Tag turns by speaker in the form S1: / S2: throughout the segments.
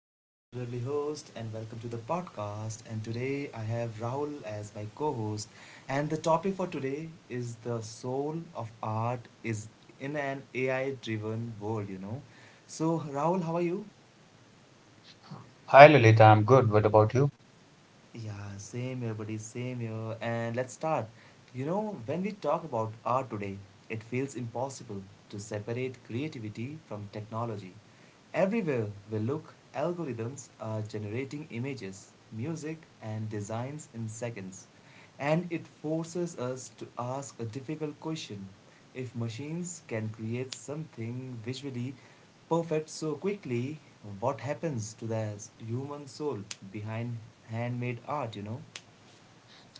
S1: And I'm your lovely host, and welcome to the podcast. And today I have Rahul as my co host. And the topic for today is the soul of art is in an AI driven world. So, Rahul, how are you?
S2: Hi Lalit, I'm good. What about you?
S1: Yeah, same here, buddy, same here. And let's start. You know, when we talk about art today, it feels impossible to separate creativity from technology. Everywhere we look, algorithms are generating images, music, and designs in seconds. And it forces us to ask a difficult question if machines can create something visually perfect so quickly, what happens to the human soul behind handmade art?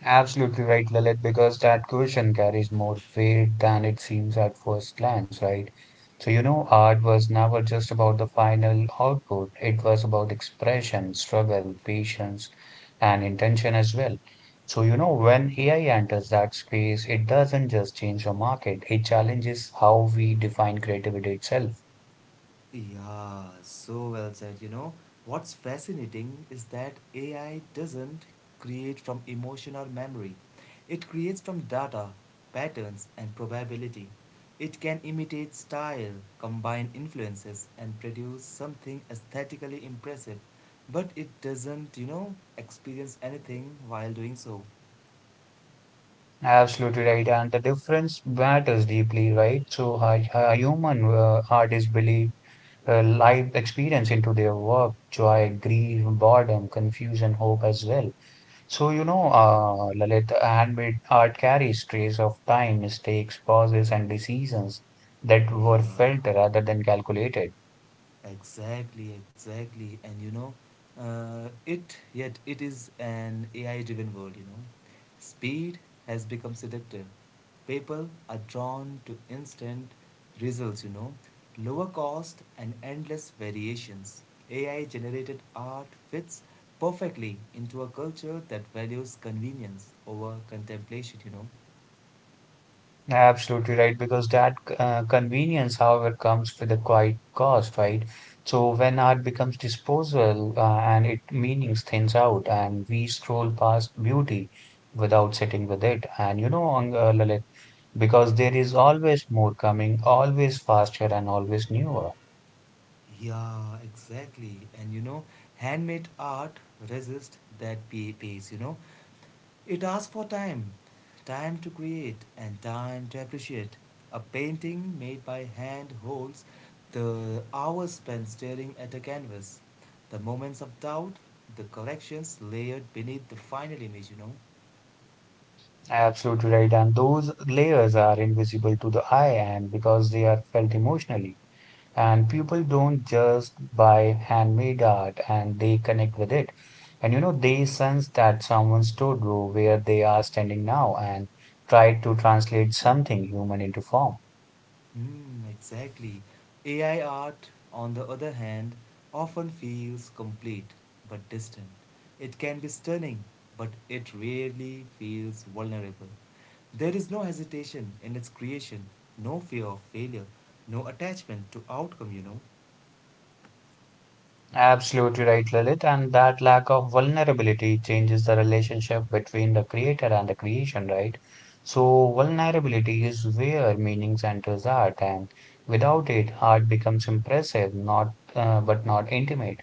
S2: Absolutely right, Lalit, because that question carries more weight than it seems at first glance, right? So, you know, art was never just about the final output, it was about expression, struggle, patience, and intention as well. So, you know, when AI enters that space, it doesn't just change the market, it challenges how we define creativity itself.
S1: Yeah, so well said. You know, what's fascinating is that AI doesn't create from emotion or memory, it creates from data, patterns, and probability. It can imitate style, combine influences, and produce something aesthetically impressive, but it doesn't experience anything while doing so.
S2: Absolutely right, and the difference matters deeply, right? So, a human art is believed life experience into their work, joy, grief, boredom, confusion, hope as well. So, you know, Lalit, handmade art carries trace of time, mistakes, pauses, and decisions that were
S1: Yeah.
S2: felt rather than calculated.
S1: Exactly, exactly. And you know, it yet it is an AI driven world. Speed has become seductive. People are drawn to instant results, lower cost and endless variations. AI generated art fits perfectly into a culture that values convenience over contemplation.
S2: Absolutely right, because that convenience, however, comes with a quite cost, right? So when art becomes disposal and it meanings thins out, and we scroll past beauty without sitting with it. And you know, Lalit, because there is always more coming, always faster, and always newer.
S1: Yeah, exactly. And you know, handmade art resists that pace. It asks for time time to create and time to appreciate. A painting made by hand holds the hours spent staring at a canvas, the moments of doubt, the corrections layered beneath the final image.
S2: Absolutely right, and those layers are invisible to the eye, and because they are felt emotionally. And people don't just buy handmade art and they connect with it, and you know they sense that someone stood where they are standing now and tried to translate something human into form.
S1: Mm, exactly. AI art, on the other hand, often feels complete but distant. It can be stunning, but it rarely feels vulnerable. There is no hesitation in its creation, no fear of failure, no attachment to outcome.
S2: Absolutely right, Lilith, and that lack of vulnerability changes the relationship between the creator and the creation, right? So vulnerability is where meaning enters art, and without it art becomes impressive, not but not intimate.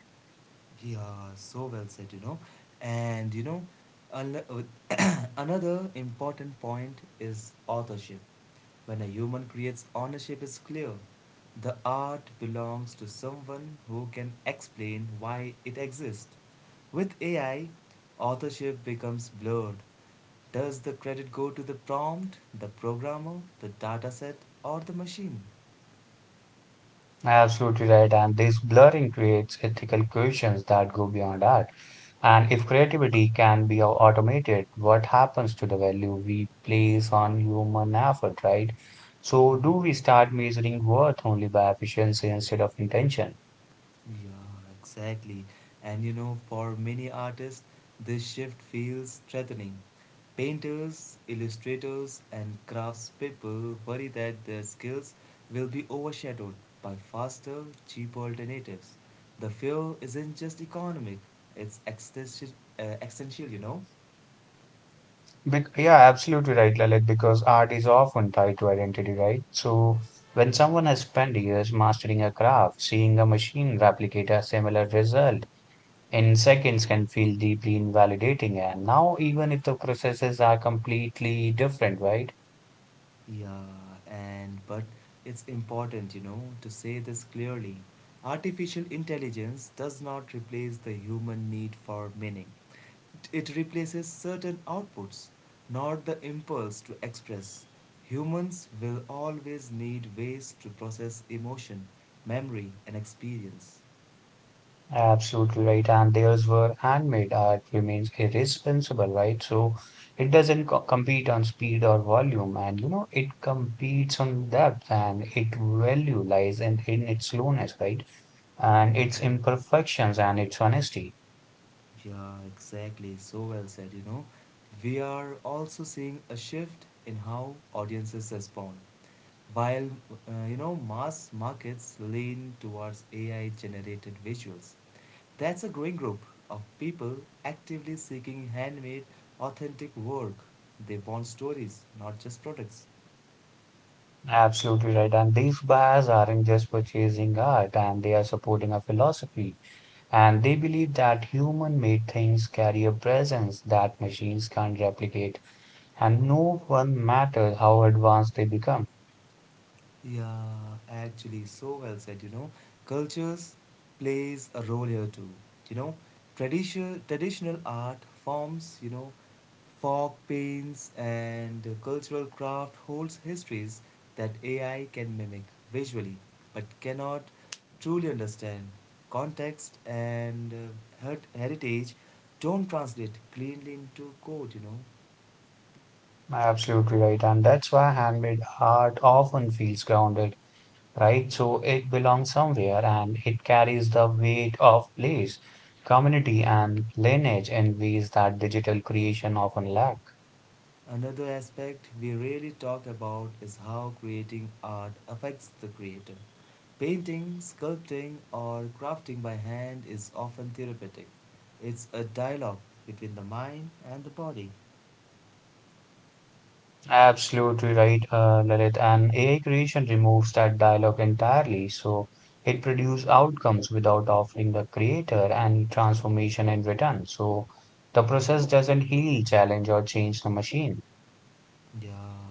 S1: Yeah, so well said. And you know, unle- Another important point is authorship. When a human creates, ownership is clear. The art belongs to someone who can explain why it exists. With AI, authorship becomes blurred. Does the credit go to the prompt, the programmer, the dataset, or the machine?
S2: Absolutely right. And this blurring creates ethical questions that go beyond art. And if creativity can be automated, what happens to the value we place on human effort, right? So,
S1: Hmm.
S2: do we start measuring worth only by efficiency instead of intention?
S1: Yeah, exactly. And you know, for many artists, this shift feels threatening. Painters, illustrators, and craftspeople worry that their skills will be overshadowed by faster, cheaper alternatives. The fear isn't just economic, it's existential, existential.
S2: Bec Yeah, absolutely right, Lalit, because art is often tied to identity, right? So, when someone has spent years mastering a craft, seeing a machine replicate a similar result, in seconds can feel deeply invalidating. And now, even if the processes are completely different, right?
S1: Yeah, and but it's important to say this clearly. Artificial intelligence does not replace the human need for meaning. It replaces certain outputs, not the impulse to express. Humans will always need ways to process emotion, memory, and experience.
S2: Absolutely right. And theirs were handmade art remains irresponsible, right? So it doesn't compete on speed or volume. And, you know, it competes on depth and its value lies in its slowness, right? And
S1: Hmm.
S2: its imperfections and its honesty.
S1: Yeah, exactly. So well said. We are also seeing a shift in how audiences respond. While mass markets lean towards AI generated visuals, that's a growing group of people actively seeking handmade, authentic work. They want stories, not just products.
S2: Absolutely right. And these buyers aren't just purchasing art and they are supporting a philosophy. And they believe that human-made things carry a presence that machines can't replicate, and no one matters how advanced they become.
S1: Yeah, actually, so well said. You know, cultures plays a role here too. You know, traditional art forms. You know, folk paints and cultural craft holds histories that AI can mimic visually, but cannot truly understand. Context and heritage don't translate cleanly into code. You know.
S2: Absolutely right, and that's why handmade art often feels grounded, right? So it belongs somewhere and it carries the weight of place, community, and lineage in ways that digital creation often lacks.
S1: Another aspect we rarely talk about is how creating art affects the creator. Painting, sculpting, or crafting by hand is often therapeutic. It's a dialogue between the mind and the body.
S2: Absolutely right, Lalit. And AI creation removes that dialogue entirely. So it produces outcomes without offering the creator any transformation in return. So the process doesn't heal, challenge, or change the machine.
S1: Yeah,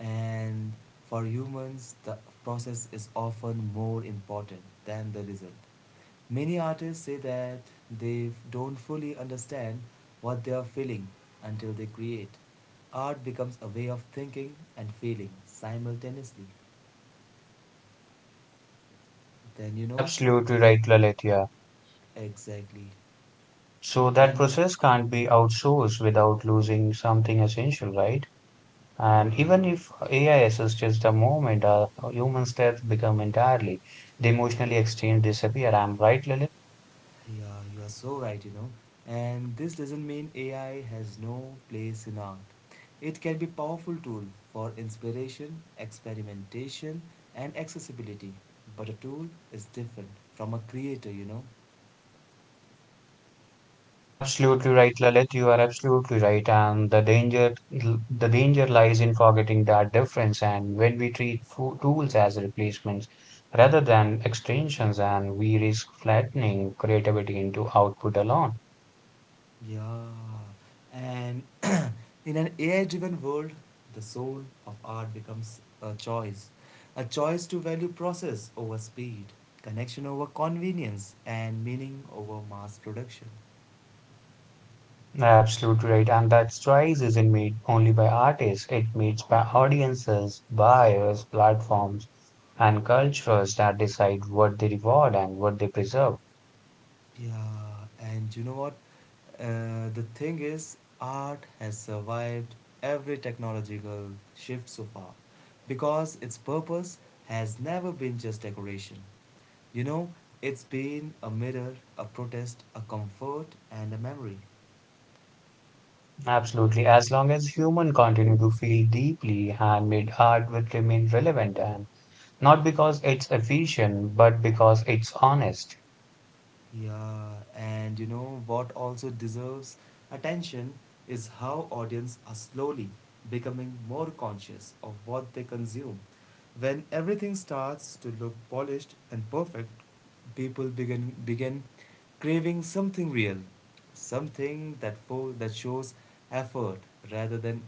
S1: and for humans, the process is often more important than the result. Many artists say that they don't fully understand what they are feeling until they create. Art becomes a way of thinking and feeling simultaneously. Then
S2: Absolutely
S1: that
S2: right, Lalit. Yeah.
S1: exactly.
S2: So that
S1: Then,
S2: process can't be outsourced without losing something essential, right? And
S1: yeah.
S2: even if AI assists the moment, human steps become entirely the emotionally exchange disappear. I'm right, Lalit.
S1: Yeah, you are so right. And this doesn't mean AI has no place in art. It can be a powerful tool for inspiration, experimentation, and accessibility. But a tool is different from a creator.
S2: Absolutely right, Lalit. You are absolutely right. And the danger lies in forgetting that difference. And when we treat tools as replacements rather than extensions, and we risk flattening creativity into output alone.
S1: Yeah. And in an AI driven world, the soul of art becomes a choice. A choice to value process over speed, connection over convenience, and meaning over mass production.
S2: Absolutely right. And that choice isn't made only by artists. It made by audiences, buyers, platforms, and cultures that decide what they reward and what they preserve.
S1: Yeah, and you know what? The thing is, art has survived every technological shift so far because its purpose has never been just decoration. You know, it's been a mirror, a protest, a comfort, and a memory.
S2: Absolutely. As long as human continue to feel deeply, handmade art will remain relevant, and not because it's efficient, but because it's honest.
S1: Yeah, and you know what also deserves attention is how audience are slowly becoming more conscious of what they consume. When everything starts to look polished and perfect, people begin craving something real, something that that shows effort rather than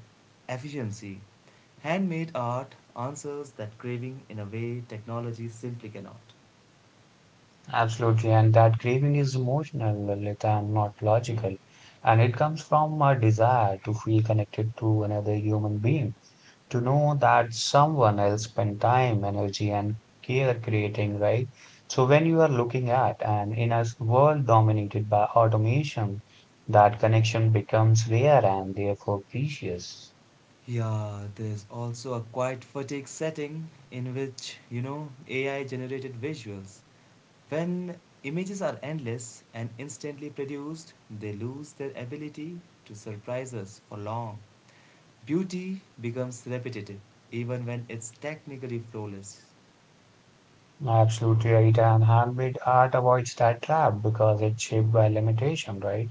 S1: efficiency. Handmade art answers that craving in a way technology simply cannot.
S2: Absolutely. And that craving is emotional, Lilith, and not logical. And it comes from a desire to feel connected to another human being, to know that someone else spent time, energy, and care creating, right? So when you are looking at and in a world dominated by automation, that connection becomes rare and therefore precious.
S1: Yeah, there's also a quiet fatigue setting in which AI generated visuals. When images are endless and instantly produced, they lose their ability to surprise us for long. Beauty becomes repetitive, even when it's technically flawless.
S2: Absolutely right. And handmade art avoids that trap because it's shaped by limitation, right?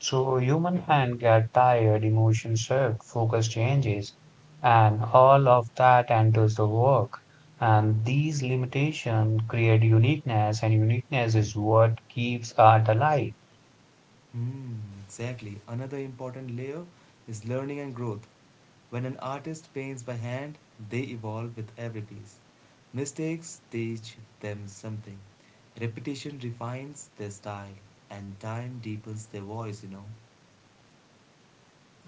S2: So human hand get tired, emotion shift, focus changes, and all of that enters the work. And these limitations create uniqueness, and uniqueness is what keeps art alive.
S1: Hmm, exactly. Another important layer is learning and growth. When an artist paints by hand, they evolve with every piece. Mistakes teach them something. Repetition refines their style, and time deepens their voice.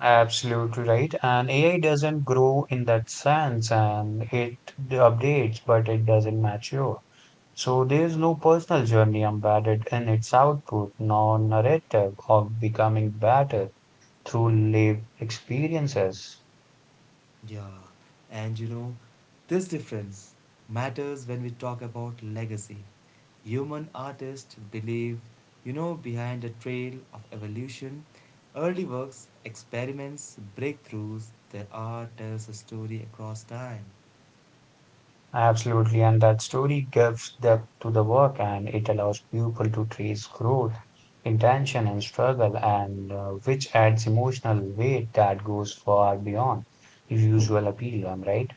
S2: Absolutely right. And AI doesn't grow in that sense, and it updates, but it doesn't mature. So there's no personal journey embedded in its output, nor narrative of becoming better through lived experiences.
S1: Yeah, and you know, this difference matters when we talk about legacy. Human artists believe, you know, behind a trail of evolution. Early works, experiments, breakthroughs, their art tells a story across time.
S2: Absolutely, and that story gives depth to the work and it allows people to trace growth, intention, and struggle, and which adds emotional weight that goes far beyond the usual appeal. I'm right.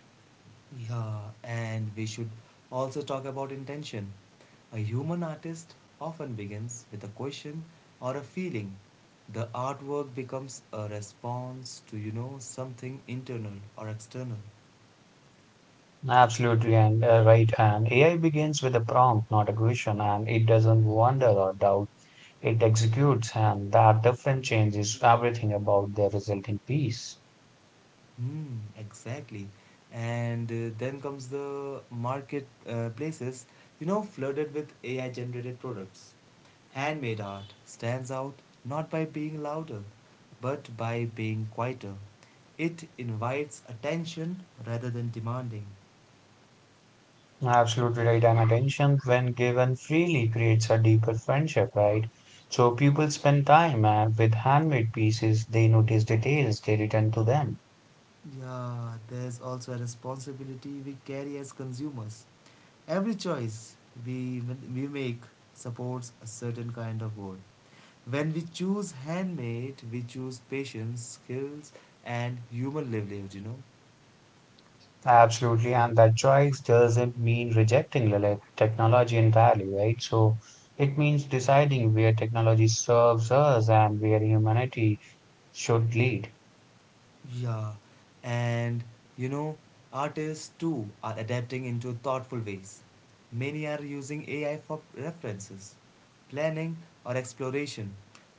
S1: Yeah, and we should also talk about intention. A human artist often begins with a question or a feeling. The artwork becomes a response to, you know, something internal or external.
S2: Absolutely, and right. And AI begins with a prompt, not a question, and it doesn't wonder or doubt. It executes, and that difference changes everything about the resulting piece.
S1: Mm, exactly. And then comes the market places, you know, flooded with AI generated products. Handmade art stands out not by being louder, but by being quieter. It invites attention rather than demanding.
S2: Absolutely right. And attention, when given freely, creates a deeper friendship, right? So people spend time with handmade pieces, they notice details, they return to them.
S1: Yeah, there's also a responsibility we carry as consumers. Every choice we, we make supports a certain kind of world. When we choose handmade, we choose patience, skills, and human livelihood.
S2: Absolutely, and that choice doesn't mean rejecting the technology entirely, right? So it means deciding where technology serves us and where humanity should lead.
S1: Yeah, and you know, artists too are adapting into thoughtful ways. Many are using AI for references, planning, or exploration,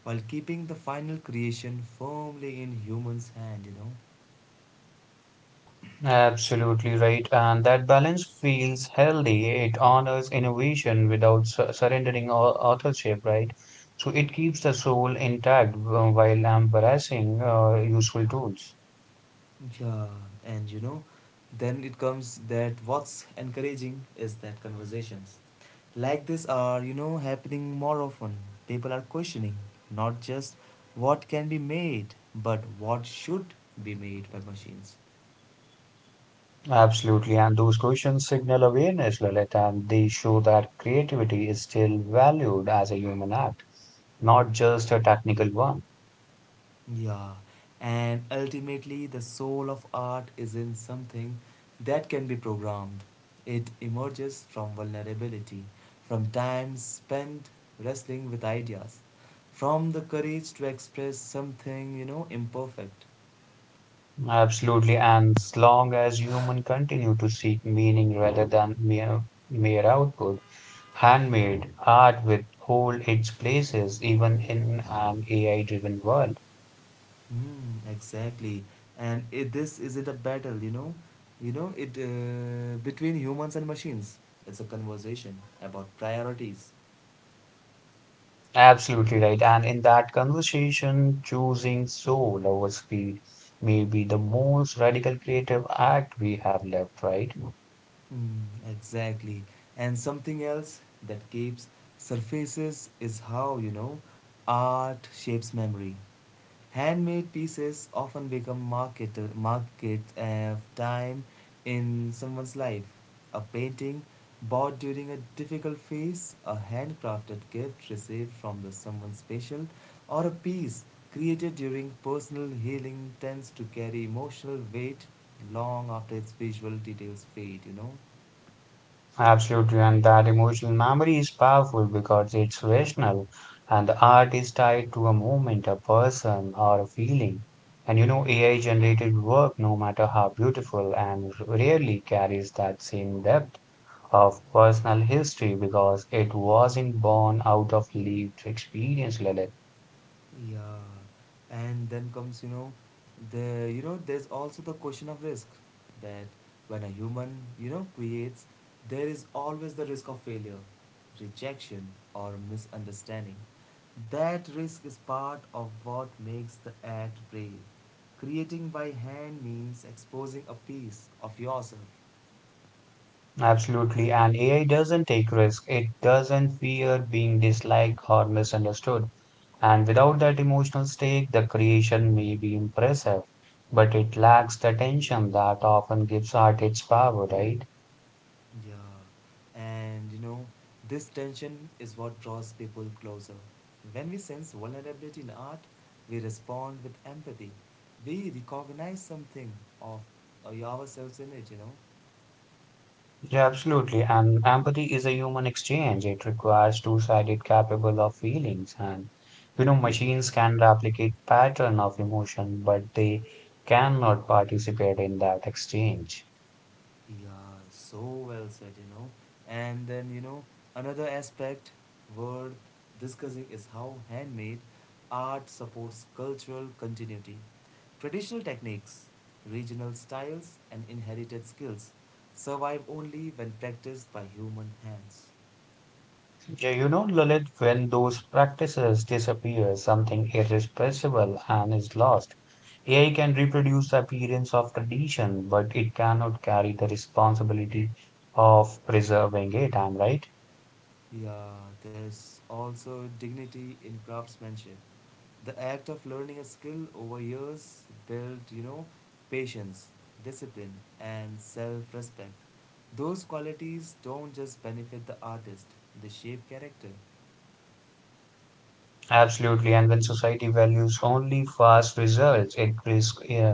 S1: while keeping the final creation firmly in humans' hand.
S2: Absolutely right, and that balance feels healthy. It honors innovation without surrendering authorship, right? So it keeps the soul intact while embracing useful tools.
S1: Yeah, and you know, then it comes that what's encouraging is that conversations like this are happening more often. People are questioning not just what can be made, but what should be made by machines.
S2: Absolutely. And those questions signal awareness, Lalit, and they show that creativity is still valued as a human act, not just a technical one.
S1: Yeah, and ultimately, the soul of art is in something that can be programmed. It emerges from vulnerability, from time spent wrestling with ideas, from the courage to express something imperfect.
S2: Absolutely. And as long as human continue to seek meaning rather than mere output, handmade art will hold its places even in an AI-driven world.
S1: Hmm, exactly. And it, this isn't a battle. You know, it between humans and machines. It's a conversation about priorities.
S2: Absolutely right. And in that conversation, choosing soul over speed may be the most radical creative act we have left, right?
S1: Mm, exactly. And something else that keeps surfaces is how art shapes memory. Handmade pieces often become market of time in someone's life. A painting bought during a difficult phase, a handcrafted gift received from the someone special, or a piece created during personal healing tends to carry emotional weight long after its visual details fade.
S2: Absolutely. And that emotional memory is powerful because it's rational and the art is tied to a moment, a person, or a feeling. And you know, AI generated work, no matter how beautiful, and rarely carries that same depth of personal history because it wasn't born out of lived experience, Lalit.
S1: Yeah, and then comes, you know, the you know, there's also the question of risk that when a human creates, there is always the risk of failure, rejection, or misunderstanding. That risk is part of what makes the act brave. Creating by hand means exposing a piece of yourself.
S2: Absolutely. And AI doesn't take risk. It doesn't fear being disliked or misunderstood. And without that emotional stake, the creation may be impressive, but it lacks the tension that often gives art its power, right?
S1: Yeah, and you know, this tension is what draws people closer. When we sense vulnerability in art, we respond with empathy. We recognize something of ourselves in it.
S2: Yeah, absolutely. And empathy is a human exchange. It requires two-sided capable of feelings. And you know, machines can replicate pattern of emotion, but they cannot participate in that exchange.
S1: Yeah, so well said. And then, you know, another aspect worth discussing is how handmade art supports cultural continuity. Traditional techniques, regional styles, and inherited skills survive only when practiced by human hands.
S2: Yeah, you know, Lalit, when those practices disappear, something irrepressible and is lost. AI can reproduce the appearance of tradition, but it cannot carry the responsibility of preserving it. I'm right.
S1: Yeah, there's also dignity in craftsmanship. The act of learning a skill over years built patience, discipline, and self respect. Those qualities don't just benefit the artist, they shape character.
S2: Absolutely. And when society values only fast results, it risks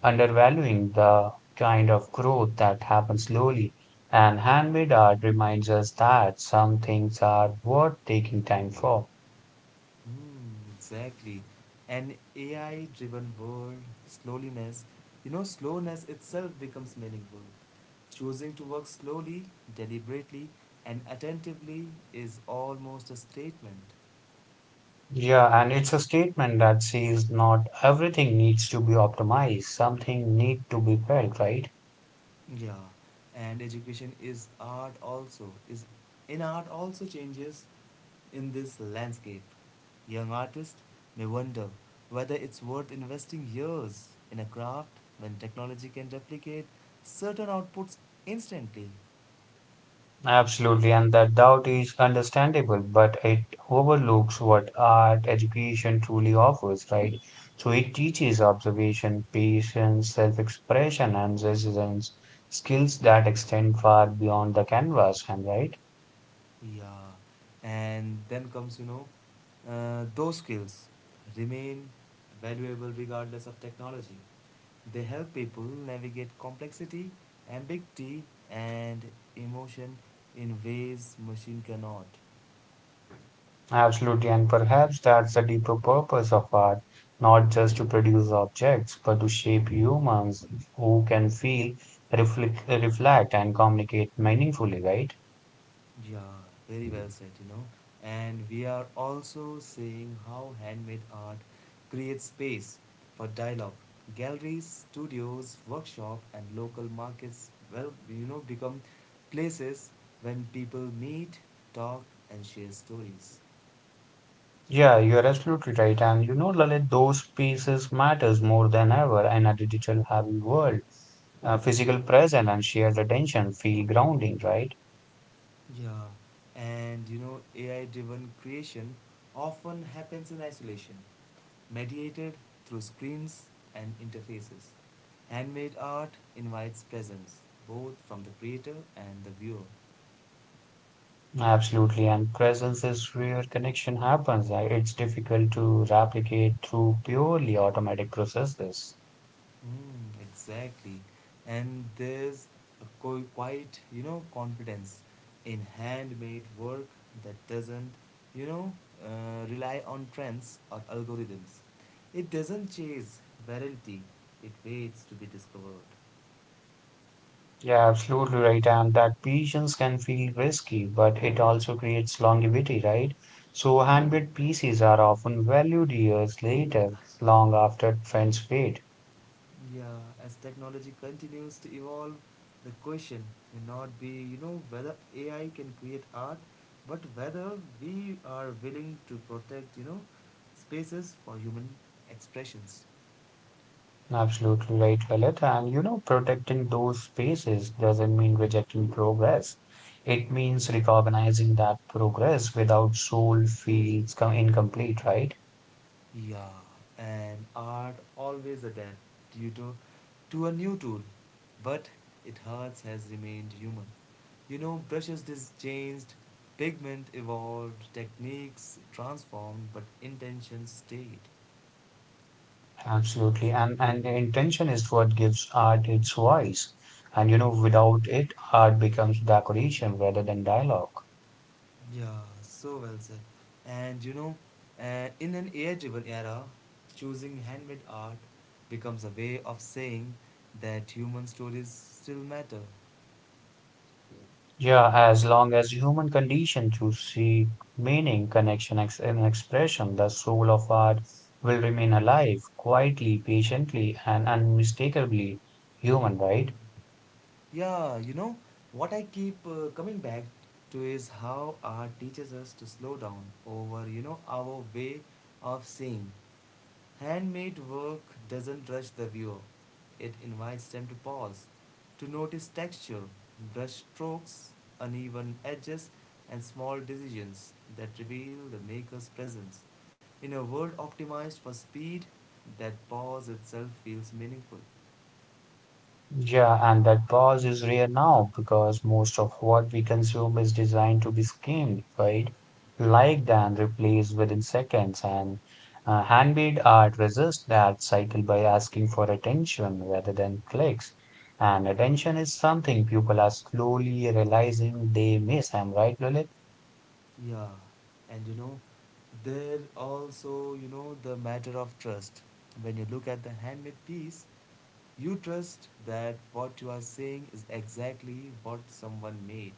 S2: undervaluing the kind of growth that happens slowly. And handmade art reminds us that some things are worth taking time for.
S1: Mm, exactly. An AI driven world, slowness, slowness itself becomes meaningful. Choosing to work slowly, deliberately, and attentively is almost a statement.
S2: Yeah, and it's a statement that says not everything needs to be optimized, something need to be felt, right?
S1: Yeah, and education is art also, is in art also changes in this landscape. Young artists may wonder whether it's worth investing years in a craft when technology can replicate certain outputs instantly.
S2: Absolutely, and that doubt is understandable, but it overlooks what art education truly offers, right? So it teaches observation, patience, self-expression, and resilience, skills that extend far beyond the canvas, and right?
S1: Yeah, and then comes, you know, those skills remain valuable regardless of technology. They help people navigate complexity, ambiguity, and emotion in ways machine cannot.
S2: Absolutely, and perhaps that's the deeper purpose of art, not just to produce objects, but to shape humans who can feel, reflect, and communicate meaningfully, right?
S1: Yeah, very well said. And we are also seeing how handmade art creates space for dialogue. Galleries, studios, workshop and local markets well, you know, become places when people meet, talk and share stories.
S2: Yeah, you're absolutely right. And you know, Lalit, those pieces matters more than ever in a digital heavy world. Physical presence and shared attention feel grounding, right?
S1: Yeah, and you know, AI driven creation often happens in isolation, mediated through screens and interfaces. Handmade art invites presence, both from the creator and the viewer.
S2: Absolutely, and presence is where connection happens. It's difficult to replicate through purely automatic processes.
S1: Mm, exactly. And there's a quite, you know, confidence in handmade work that doesn't, you know, rely on trends or algorithms. It doesn't chase virality, it waits to be discovered.
S2: Yeah, absolutely right. And that patience can feel risky, but it also creates longevity, right? So handmade pieces are often valued years later, long after trends fade.
S1: Yeah, as technology continues to evolve, the question may not be, whether AI can create art, but whether we are willing to protect, spaces for human expressions.
S2: Absolutely right, Lalit. And you know, protecting those spaces doesn't mean rejecting progress. It means recognizing that progress without soul feels incomplete, right?
S1: Yeah, and art always adapt due to a new tool, but its heart has remained human. You know, brushes this changed, pigment evolved, techniques transformed, but intention stayed.
S2: Absolutely. And the intention is what gives art its voice. And you know, without it, art becomes decoration rather than dialogue.
S1: Yeah, so well said. And in an AI driven era, choosing handmade art becomes a way of saying that human stories still matter.
S2: Yeah, as long as human condition to seek meaning, connection, ex and expression, the soul of art will remain alive, quietly, patiently, and unmistakably human, right?
S1: Yeah, you know, what I keep coming back to is how art teaches us to slow down over, our way of seeing. Handmade work doesn't rush the viewer, it invites them to pause, to notice texture, brush strokes, uneven edges, and small decisions that reveal the maker's presence. In a world optimized for speed, that pause itself feels meaningful.
S2: Yeah, and that pause is rare now because most of what we consume is designed to be skimmed, right? Liked and replaced within seconds. And handmade art resists that cycle by asking for attention rather than clicks. And attention is something people are slowly realizing they miss. I'm right, Lalit?
S1: Yeah, and you know, there also, the matter of trust. When you look at the handmade piece, you trust that what you are saying is exactly what someone made,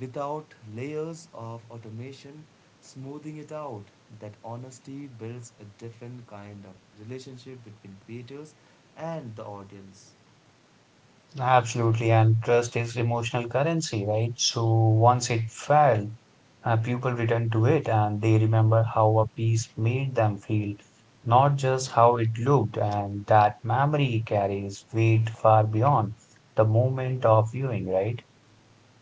S1: without layers of automation smoothing it out. That honesty builds a different kind of relationship between creators and the audience.
S2: Absolutely, and trust is emotional currency, right? So once it fell, people return to it and they remember how a piece made them feel, not just how it looked. And that memory carries weight far beyond the moment of viewing, right?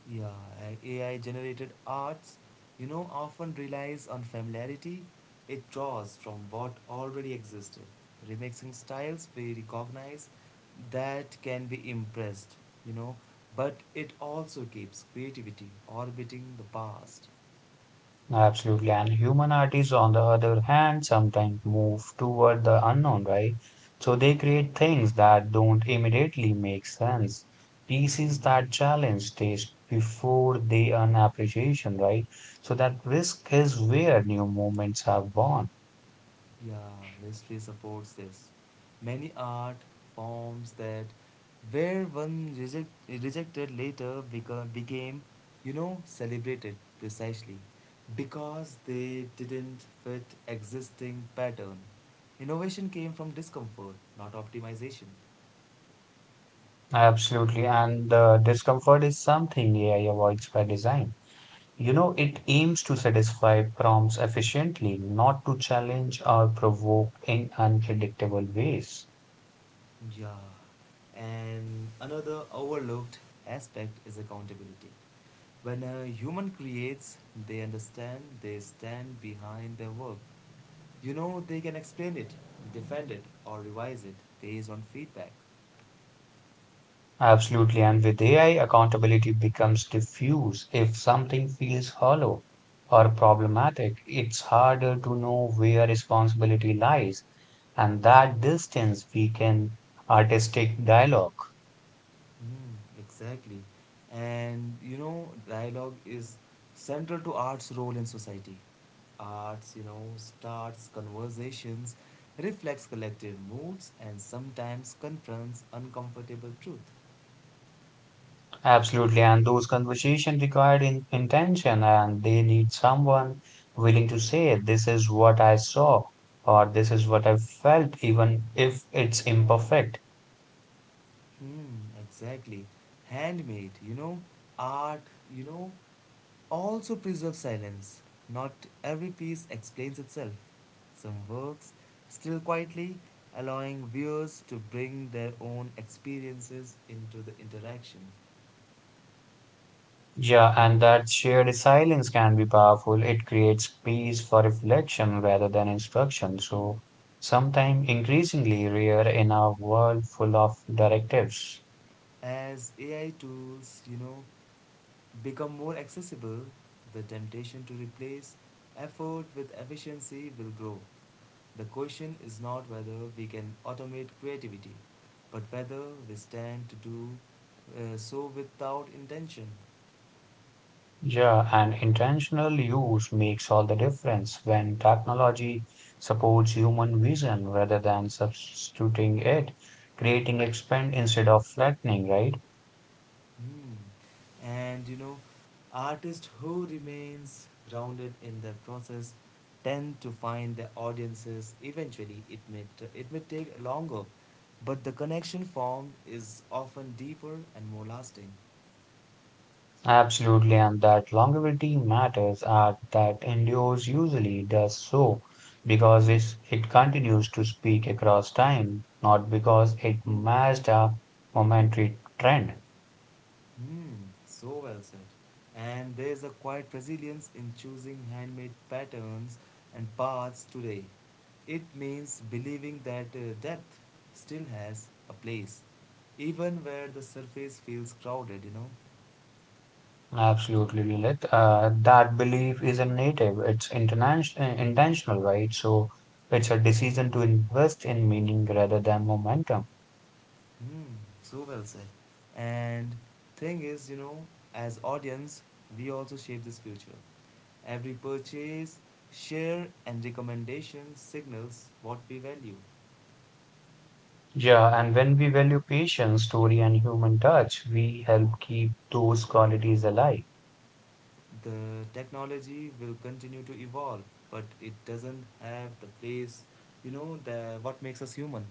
S1: Yeah, AI generated arts, often relies on familiarity. It draws from what already existed, remixing styles we recognize that can be impressed, you know, but it also keeps creativity orbiting the past.
S2: Absolutely. And human artists, on the other hand, sometimes move toward the unknown, right? So they create things that don't immediately make sense, pieces
S1: Mm.
S2: that challenge taste before they earn appreciation, right? So that risk is where new movements have born.
S1: Yeah, history supports this. Many art forms that rejected later became, celebrated precisely because they didn't fit existing pattern. Innovation came from discomfort, not optimization.
S2: Absolutely. And the discomfort is something AI avoids by design. It aims to satisfy prompts efficiently, not to challenge or provoke in unpredictable ways.
S1: Yeah. And another overlooked aspect is accountability. When a human creates, they stand behind their work. You know, they can explain it, defend it, or revise it based on feedback.
S2: Absolutely. And with AI, accountability becomes diffuse. If something feels hollow or problematic, it's harder to know where responsibility lies. And that distance weaken artistic dialogue.
S1: Mm, exactly. And you know, dialogue is central to art's role in society. Arts, starts conversations, reflects collective moods, and sometimes confronts uncomfortable truth.
S2: Absolutely. And those conversations required intention, and they need someone willing to say, this is what I saw, or this is what I felt, even if it's imperfect.
S1: Hmm, exactly. Handmade art, you know, also preserve silence. Not every piece explains itself. Some works still quietly, allowing viewers to bring their own experiences into the interaction.
S2: Yeah, and that shared silence can be powerful. It creates space for reflection rather than instruction. So, sometimes increasingly rare in a world full of directives.
S1: As AI tools, become more accessible, the temptation to replace effort with efficiency will grow. The question is not whether we can automate creativity, but whether we stand to do so without intention.
S2: Yeah, and intentional use makes all the difference when technology supports human vision rather than substituting it, creating expand instead of flattening, right?
S1: Hmm. And you know, artists who remains grounded in the process tend to find their audiences eventually. It may take longer, but the connection formed is often deeper and more lasting.
S2: Absolutely, and that longevity matters and that endures usually does so because it continues to speak across time, not because it matched a momentary trend.
S1: Hmm, so well said. And there is a quiet resilience in choosing handmade patterns and paths today. It means believing that depth still has a place, even where the surface feels crowded, you know.
S2: Absolutely, Lilith. That belief isn't native. It's international, intentional, right? So it's a decision to invest in meaning rather than momentum.
S1: Hmm, so well said. And thing is, you know, as audience, we also shape this future. Every purchase, share, and recommendation signals what we value.
S2: Yeah, and when we value patience, story, and human touch, we help keep those qualities alive.
S1: The technology will continue to evolve, but it doesn't have the place, you know, the what makes us human.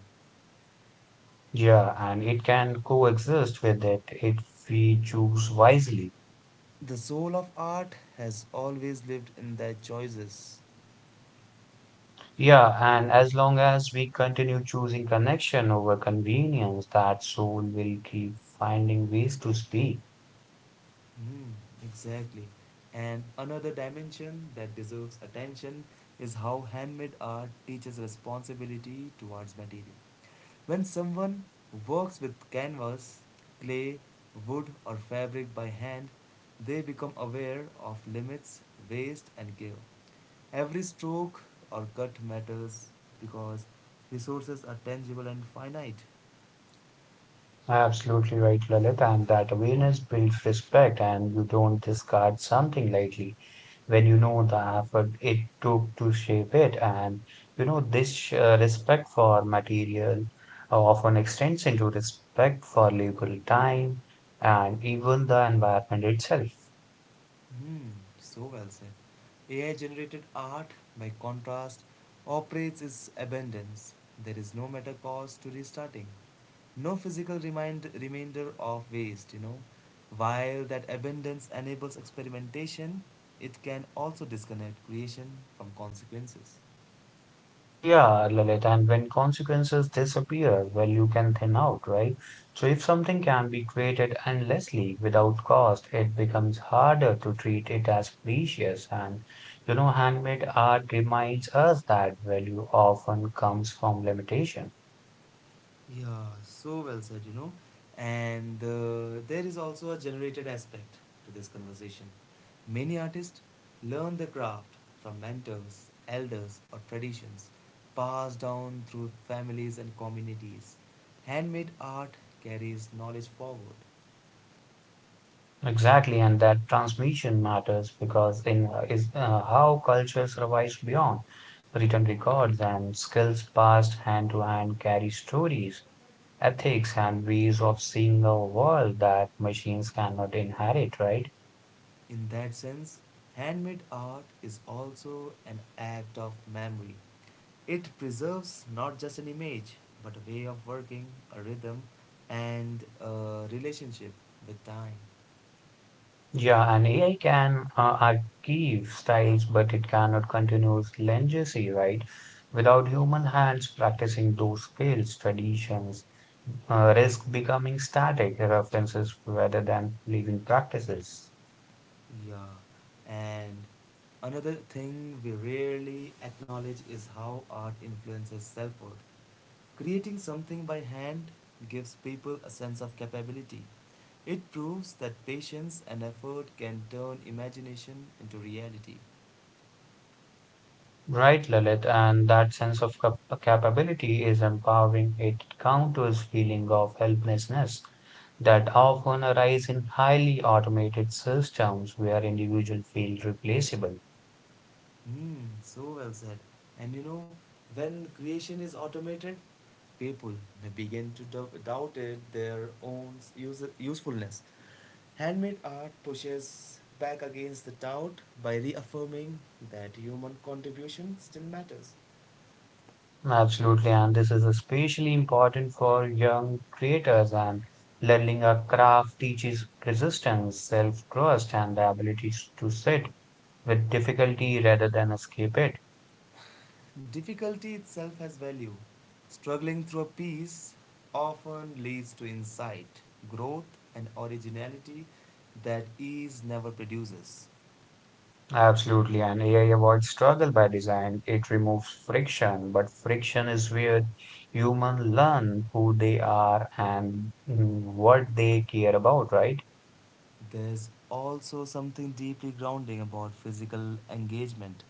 S2: Yeah, and it can coexist with it if we choose wisely.
S1: The soul of art has always lived in their choices.
S2: Yeah, and as long as we continue choosing connection over convenience, that soul will keep finding ways to speak.
S1: Mm, exactly. And another dimension that deserves attention is how handmade art teaches responsibility towards material. When someone works with canvas, clay, wood, or fabric by hand, they become aware of limits, waste, and care. Every stroke or cut matters because resources are tangible and finite.
S2: Absolutely right, Lalit. And that awareness builds respect, and you don't discard something lightly when you know the effort it took to shape it. And you know, this respect for material often extends into respect for labor, time, and even the environment itself.
S1: Hmm, so well said. AI generated art, by contrast, operates its abundance. There is no matter cause to restarting. No physical remainder of waste, you know. While that abundance enables experimentation, it can also disconnect creation from consequences.
S2: Yeah, Lalit, and when consequences disappear, well, you can thin out, right? So if something can be created endlessly without cost, it becomes harder to treat it as precious. And, you know, handmade art reminds us that value often comes from limitation.
S1: Yeah, so well said, you know. And there is also a generated aspect to this conversation. Many artists learn the craft from mentors, elders, or traditions passed down through families and communities. Handmade art carries knowledge forward.
S2: Exactly, and that transmission matters because in is how culture survives beyond written records and skills passed hand to hand carry stories ethics and ways of seeing the world that machines cannot inherit, right?
S1: In that sense, handmade art is also an act of memory. It preserves not just an image, but a way of working, a rhythm, and a relationship with time.
S2: Yeah, and AI can archive styles, but it cannot continue legacy, right? Without human hands practicing those skills, traditions, risk becoming static references rather than living practices.
S1: Yeah, and another thing we rarely acknowledge is how art influences self worth. Creating something by hand gives people a sense of capability. It proves that patience and effort can turn imagination into reality.
S2: Right, Lalit, and that sense of capability is empowering. It counters feeling of helplessness that often arise in highly automated systems where individuals feel replaceable.
S1: Hmm, so well said. And you know, when creation is automated, people may begin to doubt it, their own usefulness. Handmade art pushes back against the doubt by reaffirming that human contribution still matters.
S2: Absolutely, and this is especially important for young creators and learning a craft teaches resistance, self-trust, and the ability to sit with difficulty rather than escape it.
S1: Difficulty itself has value. Struggling through a piece often leads to insight, growth, and originality that ease never produces.
S2: Absolutely, and AI avoids struggle by design. It removes friction, but friction is where humans learn who they are and what they care about, right?
S1: There's also something deeply grounding about physical engagement.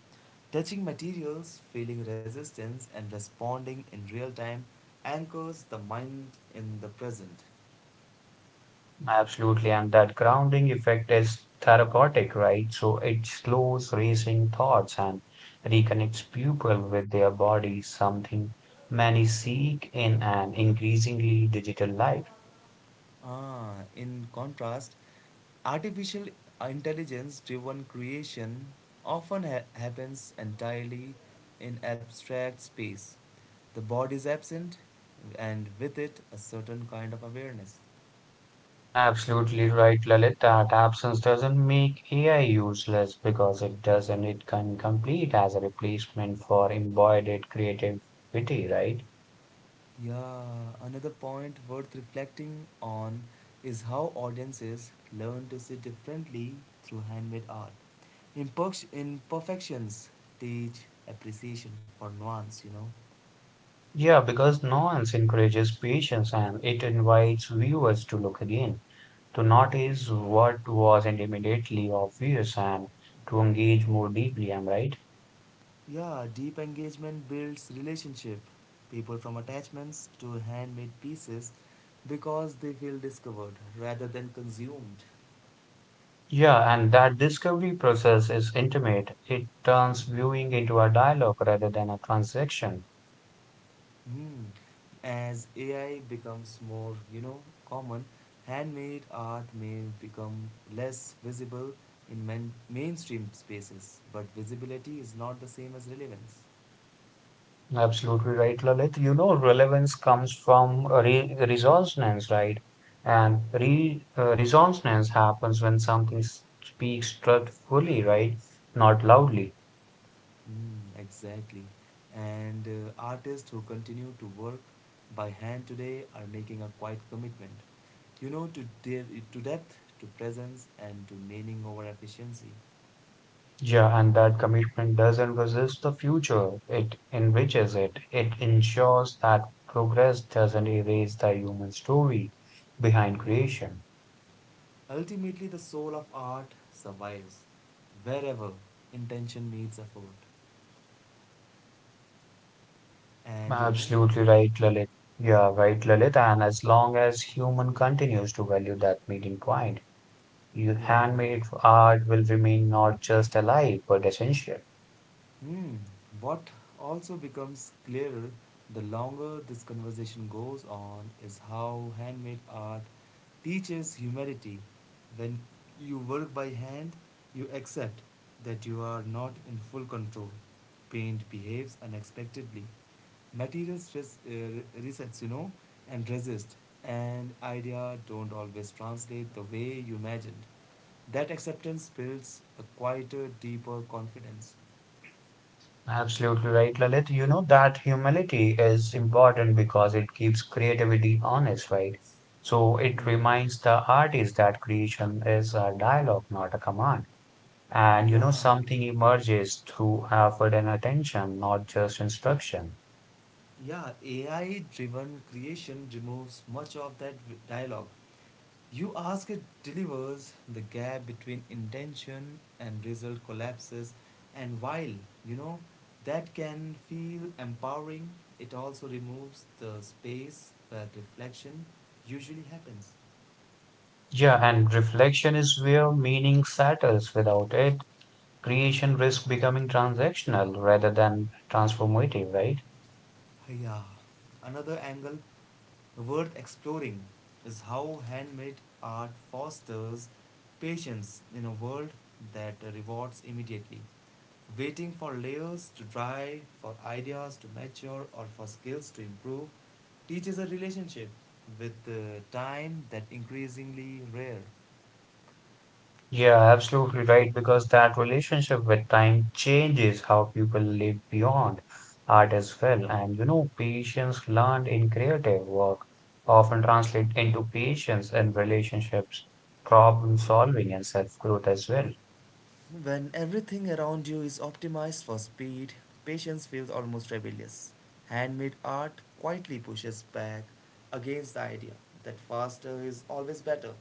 S1: Touching materials, feeling resistance, and responding in real time anchors the mind in the present.
S2: Absolutely, and that grounding effect is therapeutic, right? So it slows racing thoughts and reconnects people with their bodies, something many seek in an increasingly digital life.
S1: Ah, in contrast, artificial intelligence driven creation often happens entirely in abstract space. The body is absent, and with it, a certain kind of awareness.
S2: Absolutely right, Lalit. That absence doesn't make AI useless because it doesn't. It can complete as a replacement for embodied creativity, right?
S1: Yeah, another point worth reflecting on is how audiences learn to see differently through handmade art. Imperfections teach appreciation for nuance, you know.
S2: Yeah, because nuance encourages patience and it invites viewers to look again, to notice what was immediately obvious and to engage more deeply, am I right?
S1: Yeah, deep engagement builds relationship. People from attachments to handmade pieces because they feel discovered rather than consumed.
S2: Yeah, and that discovery process is intimate. It turns viewing into a dialogue rather than a transaction.
S1: Hmm. As AI becomes more, common, handmade art may become less visible in mainstream spaces, but visibility is not the same as relevance.
S2: Absolutely right, Lalit. You know, relevance comes from re resonance, right? And re resonance happens when something speaks truthfully, right? Not loudly.
S1: Hmm, exactly. And artists who continue to work by hand today are making a quiet commitment, to depth, to presence, and to meaning over efficiency.
S2: Yeah, and that commitment doesn't resist the future. It enriches it. It ensures that progress doesn't erase the human story behind
S1: Yeah.
S2: creation.
S1: Ultimately, the soul of art survives wherever intention meets effort. And you know,
S2: Absolutely right, Lalit. Yeah, right, Lalit. And as long as human continues to value that meeting point, your
S1: yeah.
S2: handmade art will remain not just alive but essential.
S1: Hmm. What also becomes clearer the longer this conversation goes on is how handmade art teaches humility. When you work by hand, you accept that you are not in full control. Paint behaves unexpectedly. Material stress resets, and resist. And idea don't always translate the way you imagined. That acceptance builds a quieter, deeper confidence.
S2: Absolutely right, Lalit. You know that humility is important because it keeps creativity honest, right? So it
S1: Mm.
S2: reminds the artist that creation is a dialogue, not a command. And you know,
S1: Yeah,
S2: something emerges through effort and attention, not just instruction.
S1: yeah. AI-driven creation removes much of that dialogue. You ask it delivers the gap between intention and result collapses, and while you know that can feel empowering, it also removes the space where reflection usually happens.
S2: Yeah, and reflection is where meaning settles. Without it, creation risks becoming transactional rather than transformative, right?
S1: Yeah. Another angle worth exploring is how handmade art fosters patience in a world that rewards immediately. Waiting for layers to dry, for ideas to mature, or for skills to improve teaches a relationship with the time that increasingly rare.
S2: Yeah, absolutely right, because that relationship with time changes how people live beyond art as well. And you know, patience learned in creative work often translate into patience in relationships, problem solving, and self-growth as well.
S1: When everything around you is optimized for speed, patience feels almost rebellious. Handmade art quietly pushes back against the idea that faster is always better.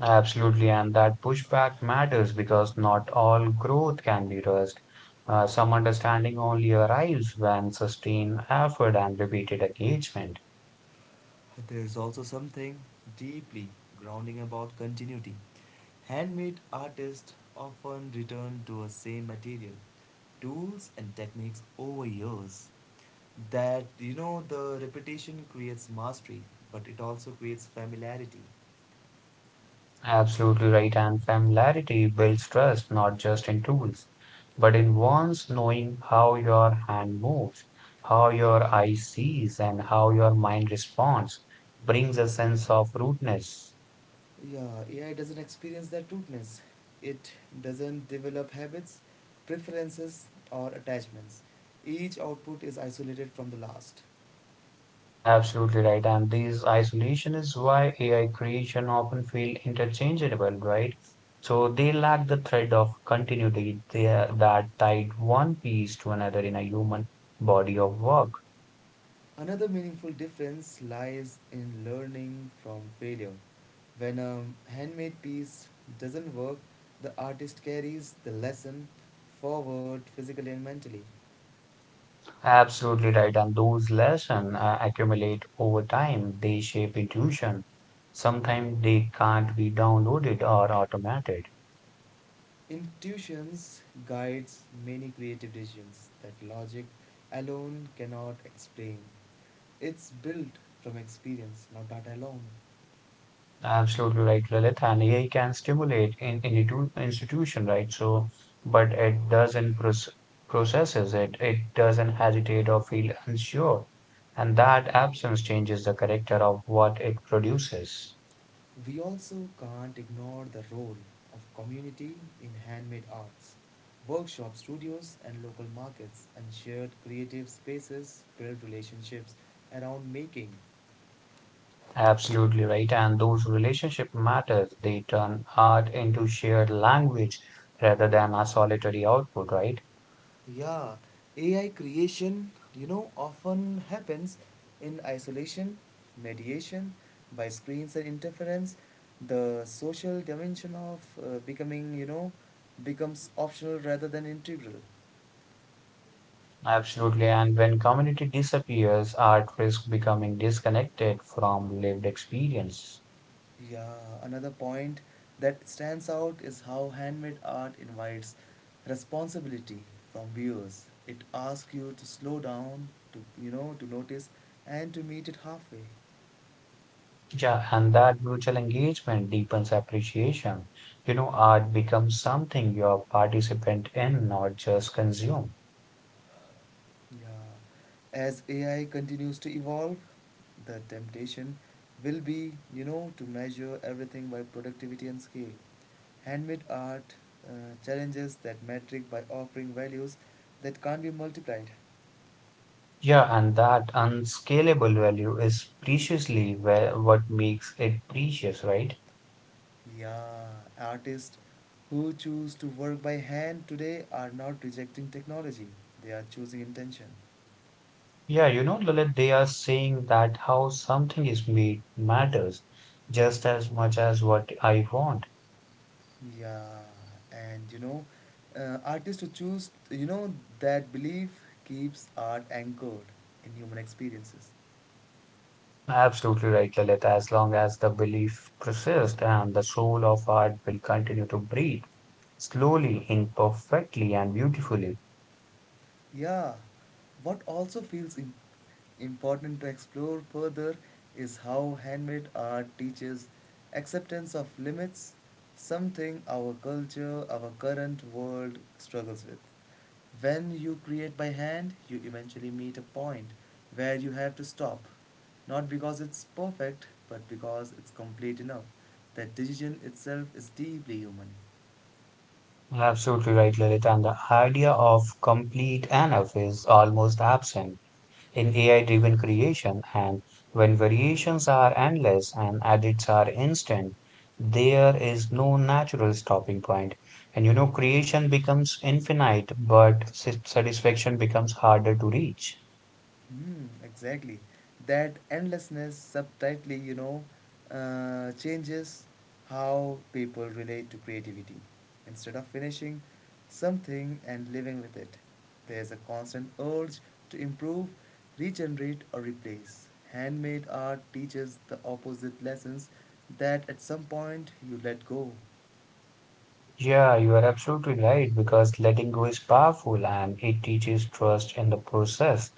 S2: Absolutely, and that pushback matters because not all growth can be rushed. Some understanding only arrives when sustained effort and repeated engagement.
S1: There is also something deeply grounding about continuity. Handmade artists often return to a same material, tools, and techniques over years. That the repetition creates mastery, but it also creates familiarity.
S2: Absolutely right. And familiarity builds trust not just in tools, but in one's knowing how your hand moves, how your eye sees, and how your mind responds brings a sense of rootedness.
S1: Yeah, AI doesn't experience that rootness. It doesn't develop habits, preferences, or attachments. Each output is isolated from the last.
S2: Absolutely right. And this isolation is why AI creation often feel interchangeable, right? So they lack the thread of continuity there that tied one piece to another in a human body of work.
S1: Another meaningful difference lies in learning from failure. When a handmade piece doesn't work, the artist carries the lesson forward physically and mentally.
S2: Absolutely right. And those lessons accumulate over time. They shape intuition. Sometimes they can't be downloaded or automated.
S1: Intuitions guides many creative decisions that logic alone cannot explain. It's built from experience, not data alone.
S2: Absolutely right, Lilith. And AI can stimulate institution, right? So, but it doesn't processes it. It doesn't hesitate or feel unsure. And that absence changes the character of what it produces.
S1: We also can't ignore the role of community in handmade arts. Workshop studios and local markets and shared creative spaces build relationships around making.
S2: Absolutely right. And those relationship matters. They turn art into shared language rather than a solitary output, right?
S1: Yeah, AI creation, often happens in isolation, mediation, by screens and interference. The social dimension of becoming, becomes optional rather than integral.
S2: Absolutely. And when community disappears, art risks becoming disconnected from lived experience.
S1: Yeah, another point that stands out is how handmade art invites responsibility from viewers. It asks you to slow down, to to notice, and to meet it halfway.
S2: Yeah, and that mutual engagement deepens appreciation. You know, art becomes something you're participant in, not just consume.
S1: Yeah. As AI continues to evolve, the temptation will be, to measure everything by productivity and scale. Handmade art uh, challenges that metric by offering values that can't be multiplied.
S2: Yeah, and that unscalable value is preciously where, what makes it precious, right?
S1: Yeah, artists who choose to work by hand today are not rejecting technology, they are choosing intention.
S2: Yeah, you know, Lalit, they are saying that how something is made matters just as much as what I want.
S1: Yeah, and artists who choose, that belief keeps art anchored in human experiences.
S2: Absolutely right, Lalit. As long as the belief persists and the soul of art will continue to breathe slowly, imperfectly, and beautifully.
S1: Yeah, what also feels important to explore further is how handmade art teaches acceptance of limits, something our culture, our current world struggles with. When you create by hand, you eventually meet a point where you have to stop, not because it's perfect, but because it's complete enough. That decision itself is deeply human.
S2: Absolutely right, Lalit. And the idea of complete enough is almost absent in AI driven creation, and when variations are endless and edits are instant, there is no natural stopping point. And you know, creation becomes infinite, but satisfaction becomes harder to reach.
S1: Hmm, exactly. That endlessness subtly, changes how people relate to creativity. Instead of finishing something and living with it, there's a constant urge to improve, regenerate, or replace. Handmade art teaches the opposite lessons that at some point you let go.
S2: Yeah, you are absolutely right because letting go is powerful and it teaches trust in the process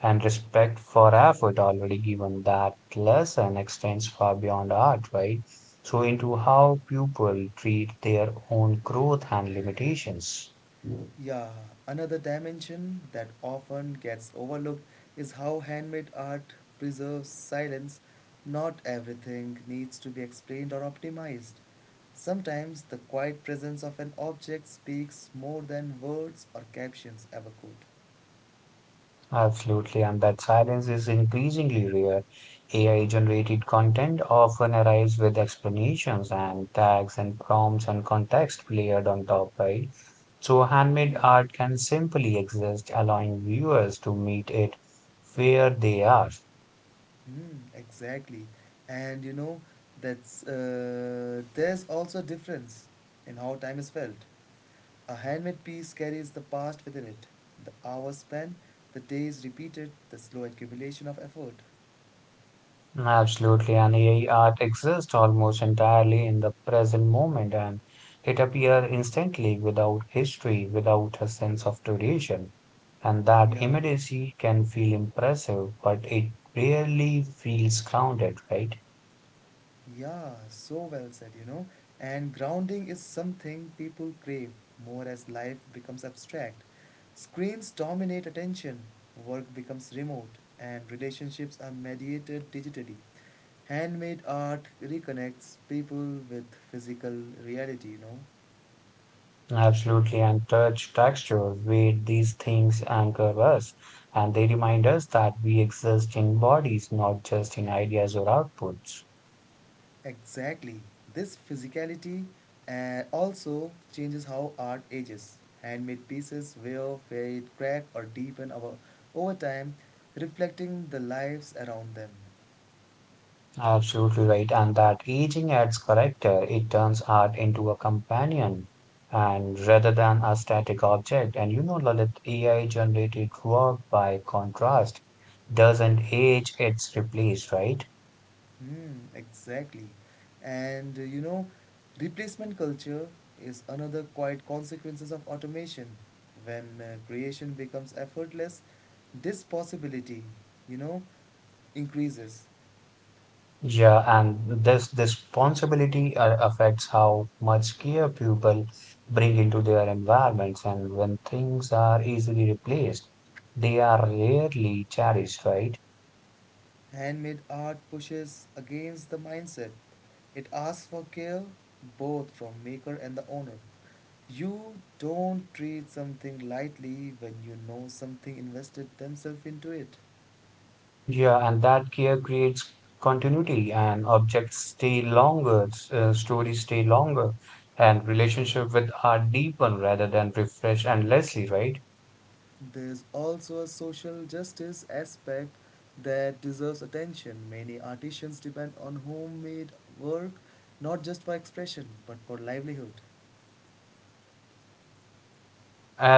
S2: and respect for effort already given that lesson extends far beyond art, right? So into how people treat their own growth and limitations.
S1: Yeah, another dimension that often gets overlooked is how handmade art preserves silence. Not everything needs to be explained or optimized. Sometimes the quiet presence of an object speaks more than words or captions ever could.
S2: Absolutely, and that silence is increasingly rare. AI-generated content often arrives with explanations and tags and prompts and context layered on top, right? So handmade
S1: Yeah.
S2: art can simply exist, allowing viewers to meet it where they are.
S1: Hmm, exactly. And you know, that's there's also a difference in how time is felt. A handmade piece carries the past within it the hours spent, the days repeated, the slow accumulation of effort.
S2: Absolutely, and AI art exists almost entirely in the present moment, and it appears instantly without history, without a sense of duration. And that
S1: Yeah,
S2: immediacy can feel impressive, but it rarely feels grounded, right?
S1: yeah, so well said, you know. And grounding is something people crave more as life becomes abstract. Screens dominate attention, work becomes remote, and relationships are mediated digitally. Handmade art reconnects people with physical reality. You know.
S2: Absolutely, and touch, texture, weight, these things anchor us, and they remind us that we exist in bodies, not just in ideas or outputs.
S1: Exactly. This physicality also changes how art ages. Handmade pieces will fade, crack, or deepen over time, reflecting the lives around them.
S2: Absolutely right. And that aging adds character. It turns art into a companion and rather than a static object. And you know, Lalit, AI generated work by contrast doesn't age, it's replaced, right?
S1: Hmm, exactly. And uh, you know, Replacement culture is another quiet consequences of automation. When creation becomes effortless, this possibility, you know, increases.
S2: Yeah, and this responsibility affects how much care people bring into their environments. And when things are easily replaced, they are rarely cherished, right?
S1: Handmade art pushes against the mindset. It asks for care both from maker and the owner. You don't treat something lightly when you know something invested themselves into it.
S2: Yeah, and that care creates continuity, and objects stay longer, stories stay longer, and relationship with are deepen rather than refresh endlessly, right?
S1: There's also a social justice aspect that deserves attention. Many artisans depend on homemade work not just for expression but for livelihood.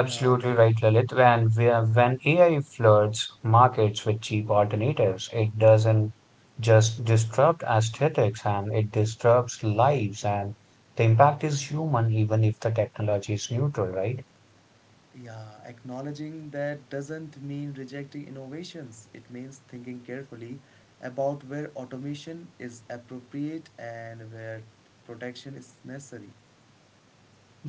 S1: Yeah, then
S2: right, Lalit. When AI floods markets with cheap alternatives, it doesn't just disrupt aesthetics, and it disrupts lives, and the impact is human, even if the technology is neutral, right?
S1: Yeah, acknowledging that doesn't mean rejecting innovations. It means thinking carefully about where automation is appropriate and where protection is necessary.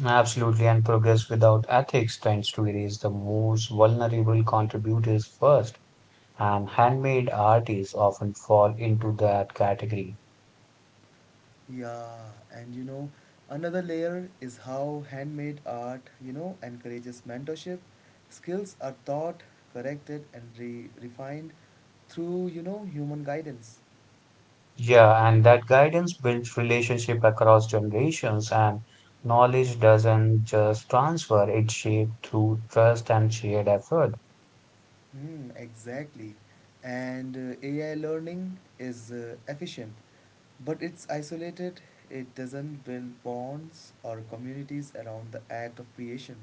S2: Absolutely, and progress without ethics tends to erase the most vulnerable contributors first, and handmade art is often fall into that category.
S1: Yeah, and you know, Another layer is how handmade art, you know, encourages mentorship. Skills are taught, corrected, and refined through, you know, human guidance.
S2: Yeah, and that guidance builds relationship across generations, and knowledge doesn't just transfer, it's shaped through trust and shared effort.
S1: Hmm, exactly. And AI learning is efficient, but it's isolated. It doesn't build bonds or communities around the act of creation.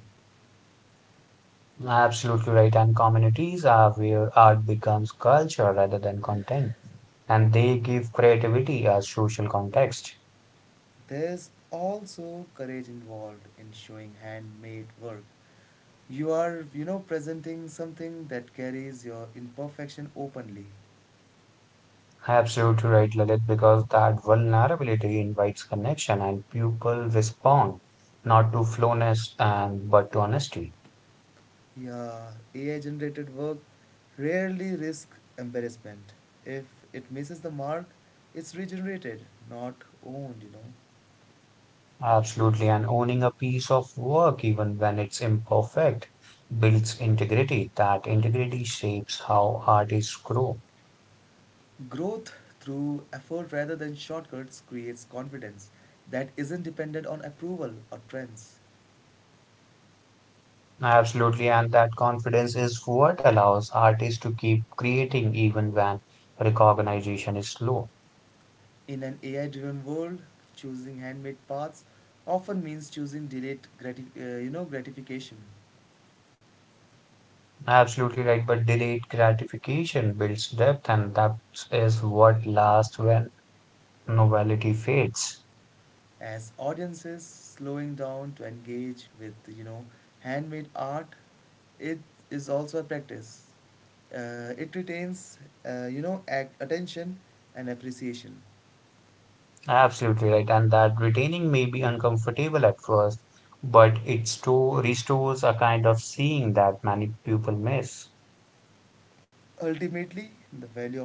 S2: Absolutely right, and communities are where art becomes culture rather than content, and they give creativity a social context.
S1: There's also courage involved in showing handmade work. You are, you know, presenting something that carries your imperfection openly.
S2: Absolutely right, Lalit, because that vulnerability invites connection and people respond not to flowness and but to honesty.
S1: Yeah, AI generated work rarely risks embarrassment. If it misses the mark, it's regenerated, not owned.
S2: Absolutely, and owning a piece of work, even when it's imperfect, builds integrity. That integrity shapes how artists grow.
S1: Growth through effort rather than shortcuts creates confidence that isn't dependent on approval or trends.
S2: Absolutely, and that confidence is what allows artists to keep creating even when recognition is low.
S1: In an AI driven world, choosing handmade paths often means choosing delayed gratification.
S2: Absolutely right, but delayed gratification builds depth, and that is what lasts when novelty fades.
S1: As audiences slowing down to engage with, you know, handmade art, it is also a practice. It retains attention and appreciation.
S2: Absolutely right, and that retaining may be uncomfortable at first, but it restores a kind of seeing that many people miss.
S1: Ultimately, the value of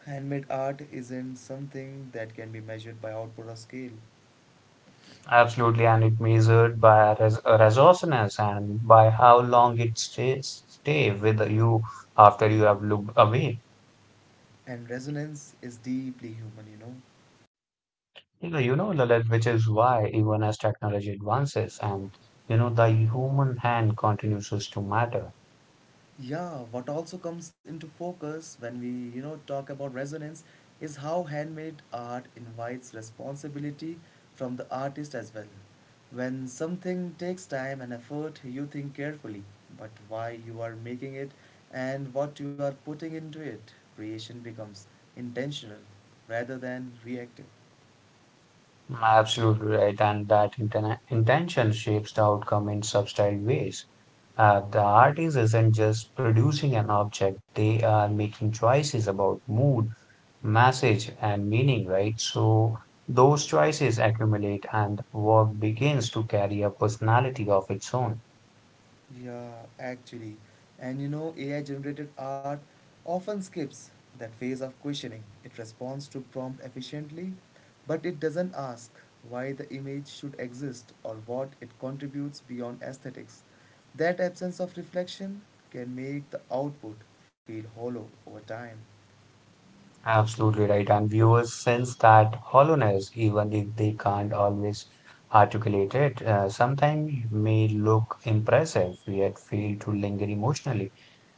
S1: handmade art isn't something that can be measured by output or scale,
S2: Absolutely, and it measured by resourcefulness and by how long it stay with you after you have looked away.
S1: and resonance is deeply human, you know.
S2: Yeah, you know, Lalit, which is why even as technology advances and you know the human hand continues to matter.
S1: Yeah, what also comes into focus when we, you know, talk about resonance is how handmade art invites responsibility from the artist as well. When something takes time and effort, you think carefully but why you are making it and what you are putting into it. Creation becomes intentional rather than reactive.
S2: Absolutely right, and that intention shapes the outcome in subtle ways. The artist isn't just producing an object; they are making choices about mood, message, and meaning. Right, so those choices accumulate, and work begins to carry a personality of its own.
S1: Yeah, actually. And you know, AI generated art often skips that phase of questioning. It responds to prompt efficiently, but it doesn't ask why the image should exist or what it contributes beyond aesthetics. That absence of reflection can make the output feel hollow over time.
S2: Absolutely right. And viewers sense that hollowness, even if they can't always articulate it. Sometimes may look impressive, yet fail to linger emotionally.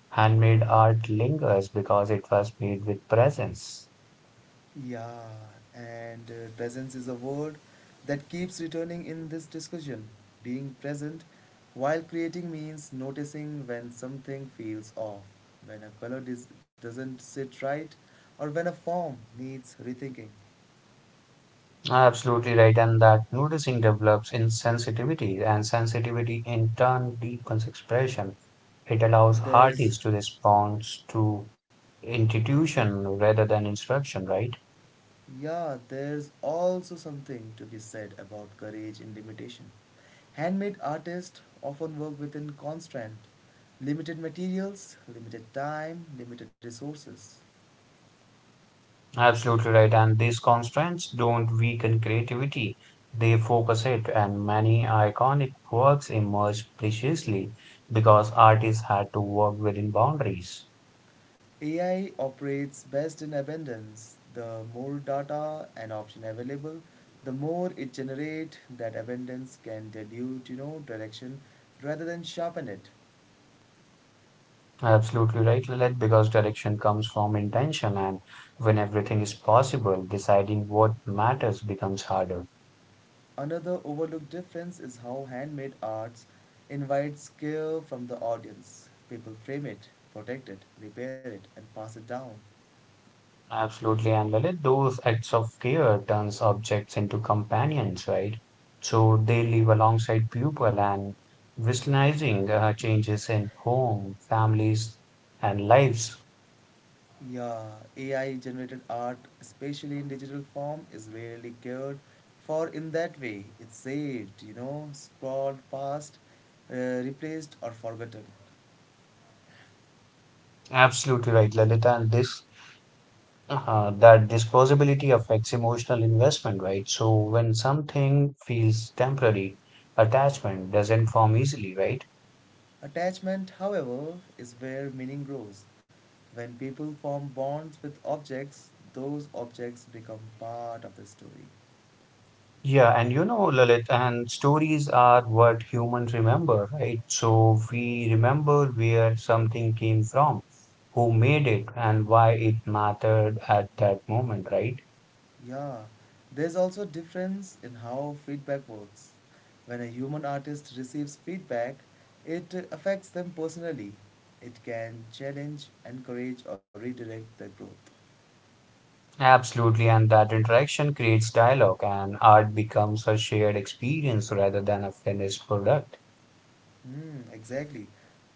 S2: Handmade art lingers because it was made with presence.
S1: Yeah, and presence is a word that keeps returning in this discussion. Being present while creating means noticing when something feels off, when a color doesn't sit right, or when a form needs rethinking.
S2: Absolutely right. And that noticing develops in sensitivity, and sensitivity in turn deepens expression. It allows
S1: There's,
S2: artists to respond to institution rather than instruction, right?
S1: yeah, there's also something to be said about courage in limitation. Handmade artists often work within constraint, limited materials, limited time, limited resources.
S2: Absolutely right. And these constraints don't weaken creativity, they focus it. And many iconic works emerged preciously because artists had to work within boundaries.
S1: AI operates best in abundance. The more data an option available, the more it generates that abundance can dilute, you know, direction rather than sharpen it.
S2: Absolutely right, Lilith, because direction comes from intention, and when everything is possible, deciding what matters becomes harder.
S1: Another overlooked difference is how handmade arts invites care from the audience. People frame it, protect it, repair it, and pass it down.
S2: Absolutely, and Lalit, those acts of care turns objects into companions, right? So they live alongside people and witnessing changes in home, families, and lives.
S1: Yeah, AI generated art, especially in digital form, is rarely cared for in that way. It's saved, you know, scrolled past, uh, replaced, or forgotten.
S2: Absolutely right, Lalit, and this possibility affects emotional investment, right? So when something feels temporary, attachment doesn't form easily, right?
S1: Attachment, however, is where meaning grows. When people form bonds with objects, those objects become part of the story.
S2: Yeah, and you know, Lalit, and stories are what humans remember, right? So we remember where something came from, who made it, and why it mattered at that moment, right?
S1: Yeah, there's also difference in how feedback works. When a human artist receives feedback, it affects them personally. It can challenge, encourage, or redirect their growth.
S2: Absolutely, and that interaction creates dialogue, and art becomes a shared experience rather than a finished product.
S1: Hmm, exactly.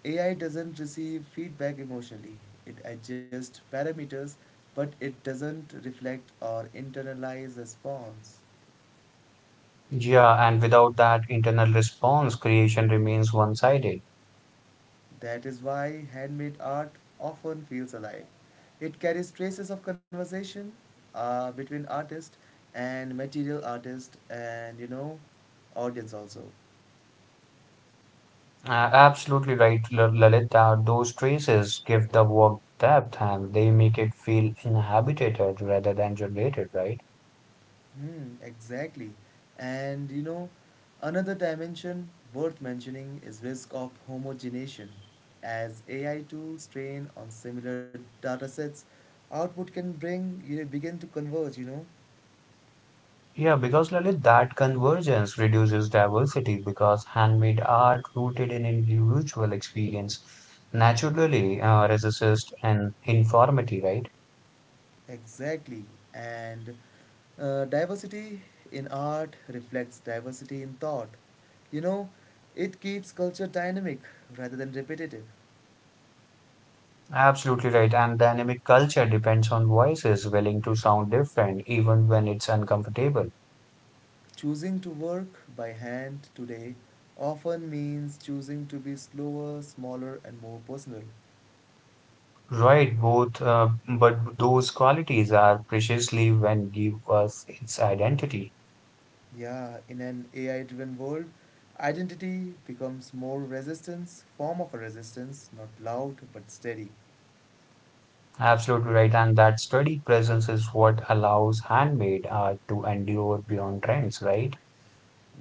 S1: AI doesn't receive feedback emotionally. It adjusts parameters, but it doesn't reflect or internalize response.
S2: Yeah, and without that internal response, creation remains one-sided.
S1: That is why handmade art often feels alive. It carries traces of conversation between artist and material, artist and, you know, audience also.
S2: Absolutely right, Lalit. Those traces give the work depth and they make it feel inhabited rather than generated, right?
S1: Hmm, exactly. And you know, another dimension worth mentioning is risk of homogenization. As AI tools train on similar datasets, output can bring you begin to converge, you know.
S2: Yeah, because Lalit, that convergence reduces diversity because handmade art rooted in individual experience naturally resists an informity, right?
S1: Exactly. And diversity in art reflects diversity in thought. You know, it keeps culture dynamic rather than repetitive.
S2: Absolutely right. And dynamic culture depends on voices willing to sound different even when it's uncomfortable.
S1: Choosing to work by hand today often means choosing to be slower, smaller, and more personal.
S2: Right, both, but those qualities are preciously when give us its identity.
S1: Yeah, in an AI driven world, identity becomes more resistance, form of a resistance, not loud but steady.
S2: Absolutely right, and that steady presence is what allows handmade art to endure beyond trends, right?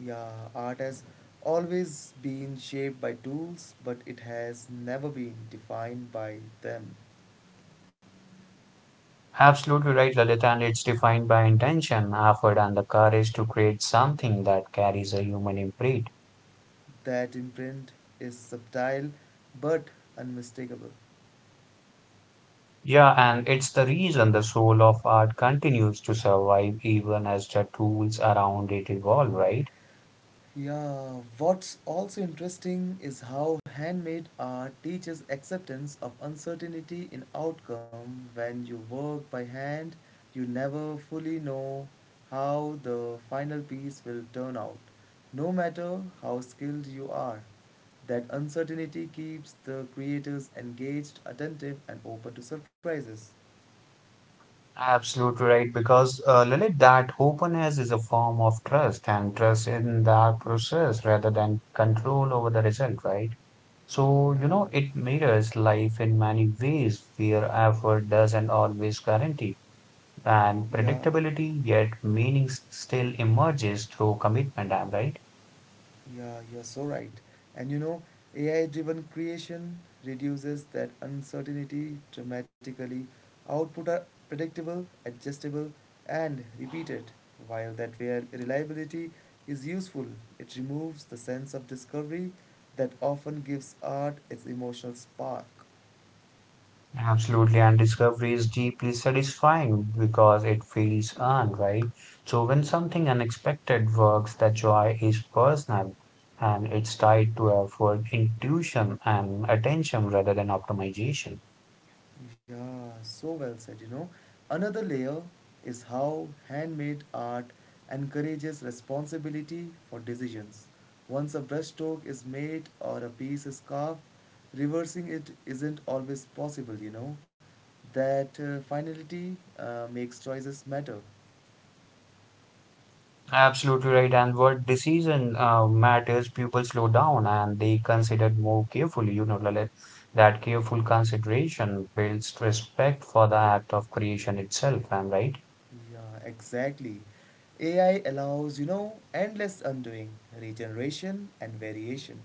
S1: Yeah, art has always been shaped by tools, but it has never been defined by them.
S2: Absolutely right, Lalit, and it's defined by intention, effort, and the courage to create something that carries a human imprint.
S1: That imprint is subtle but unmistakable.
S2: Yeah, and it's the reason the soul of art continues to survive even as the tools around it evolve, right?
S1: Yeah, what's also interesting is how handmade art teaches acceptance of uncertainty in outcome. When you work by hand, you never fully know how the final piece will turn out, no matter how skilled you are. That uncertainty keeps the creators engaged, attentive, and open to surprises.
S2: Absolutely right, because Lalit, that openness is a form of trust and trust in that process rather than control over the result, right? So, you
S1: Yeah,
S2: know, it mirrors life in many ways where effort doesn't always guarantee and
S1: yeah.
S2: predictability, yet meaning still emerges through commitment, am I right?
S1: Yeah, you're so right. And you know, AI driven creation reduces that uncertainty dramatically. Output are predictable, adjustable, and repeated. While that reliability is useful, it removes the sense of discovery that often gives art its emotional spark.
S2: Absolutely, and discovery is deeply satisfying because it feels earned, right? So when something unexpected works, the joy is personal and it's tied to effort, intuition, and attention rather than optimization.
S1: Yeah, so well said, you know. Another layer is how handmade art encourages responsibility for decisions. Once a brushstroke is made or a piece is carved, reversing it isn't always possible, you know. That finality makes choices matter.
S2: Absolutely right. And what decision matters, people slow down and they consider more carefully. You know, Lalit, that careful consideration builds respect for the act of creation itself. I'm right.
S1: Yeah, exactly. AI allows, you know, endless undoing, regeneration, and variation.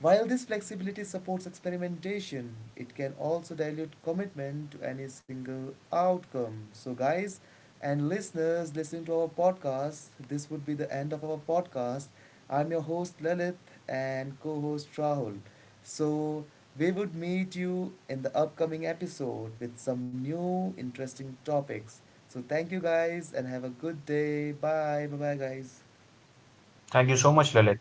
S1: While this flexibility supports experimentation, it can also dilute commitment to any single outcome. So, guys, and listeners listening to our podcast, this would be the end of our podcast. I'm your host Lalit and co host Rahul. So, we would meet you in the upcoming episode with some new interesting topics. So, thank you guys and have a good day. Bye. Bye bye, guys.
S2: Thank you so much, Lalit.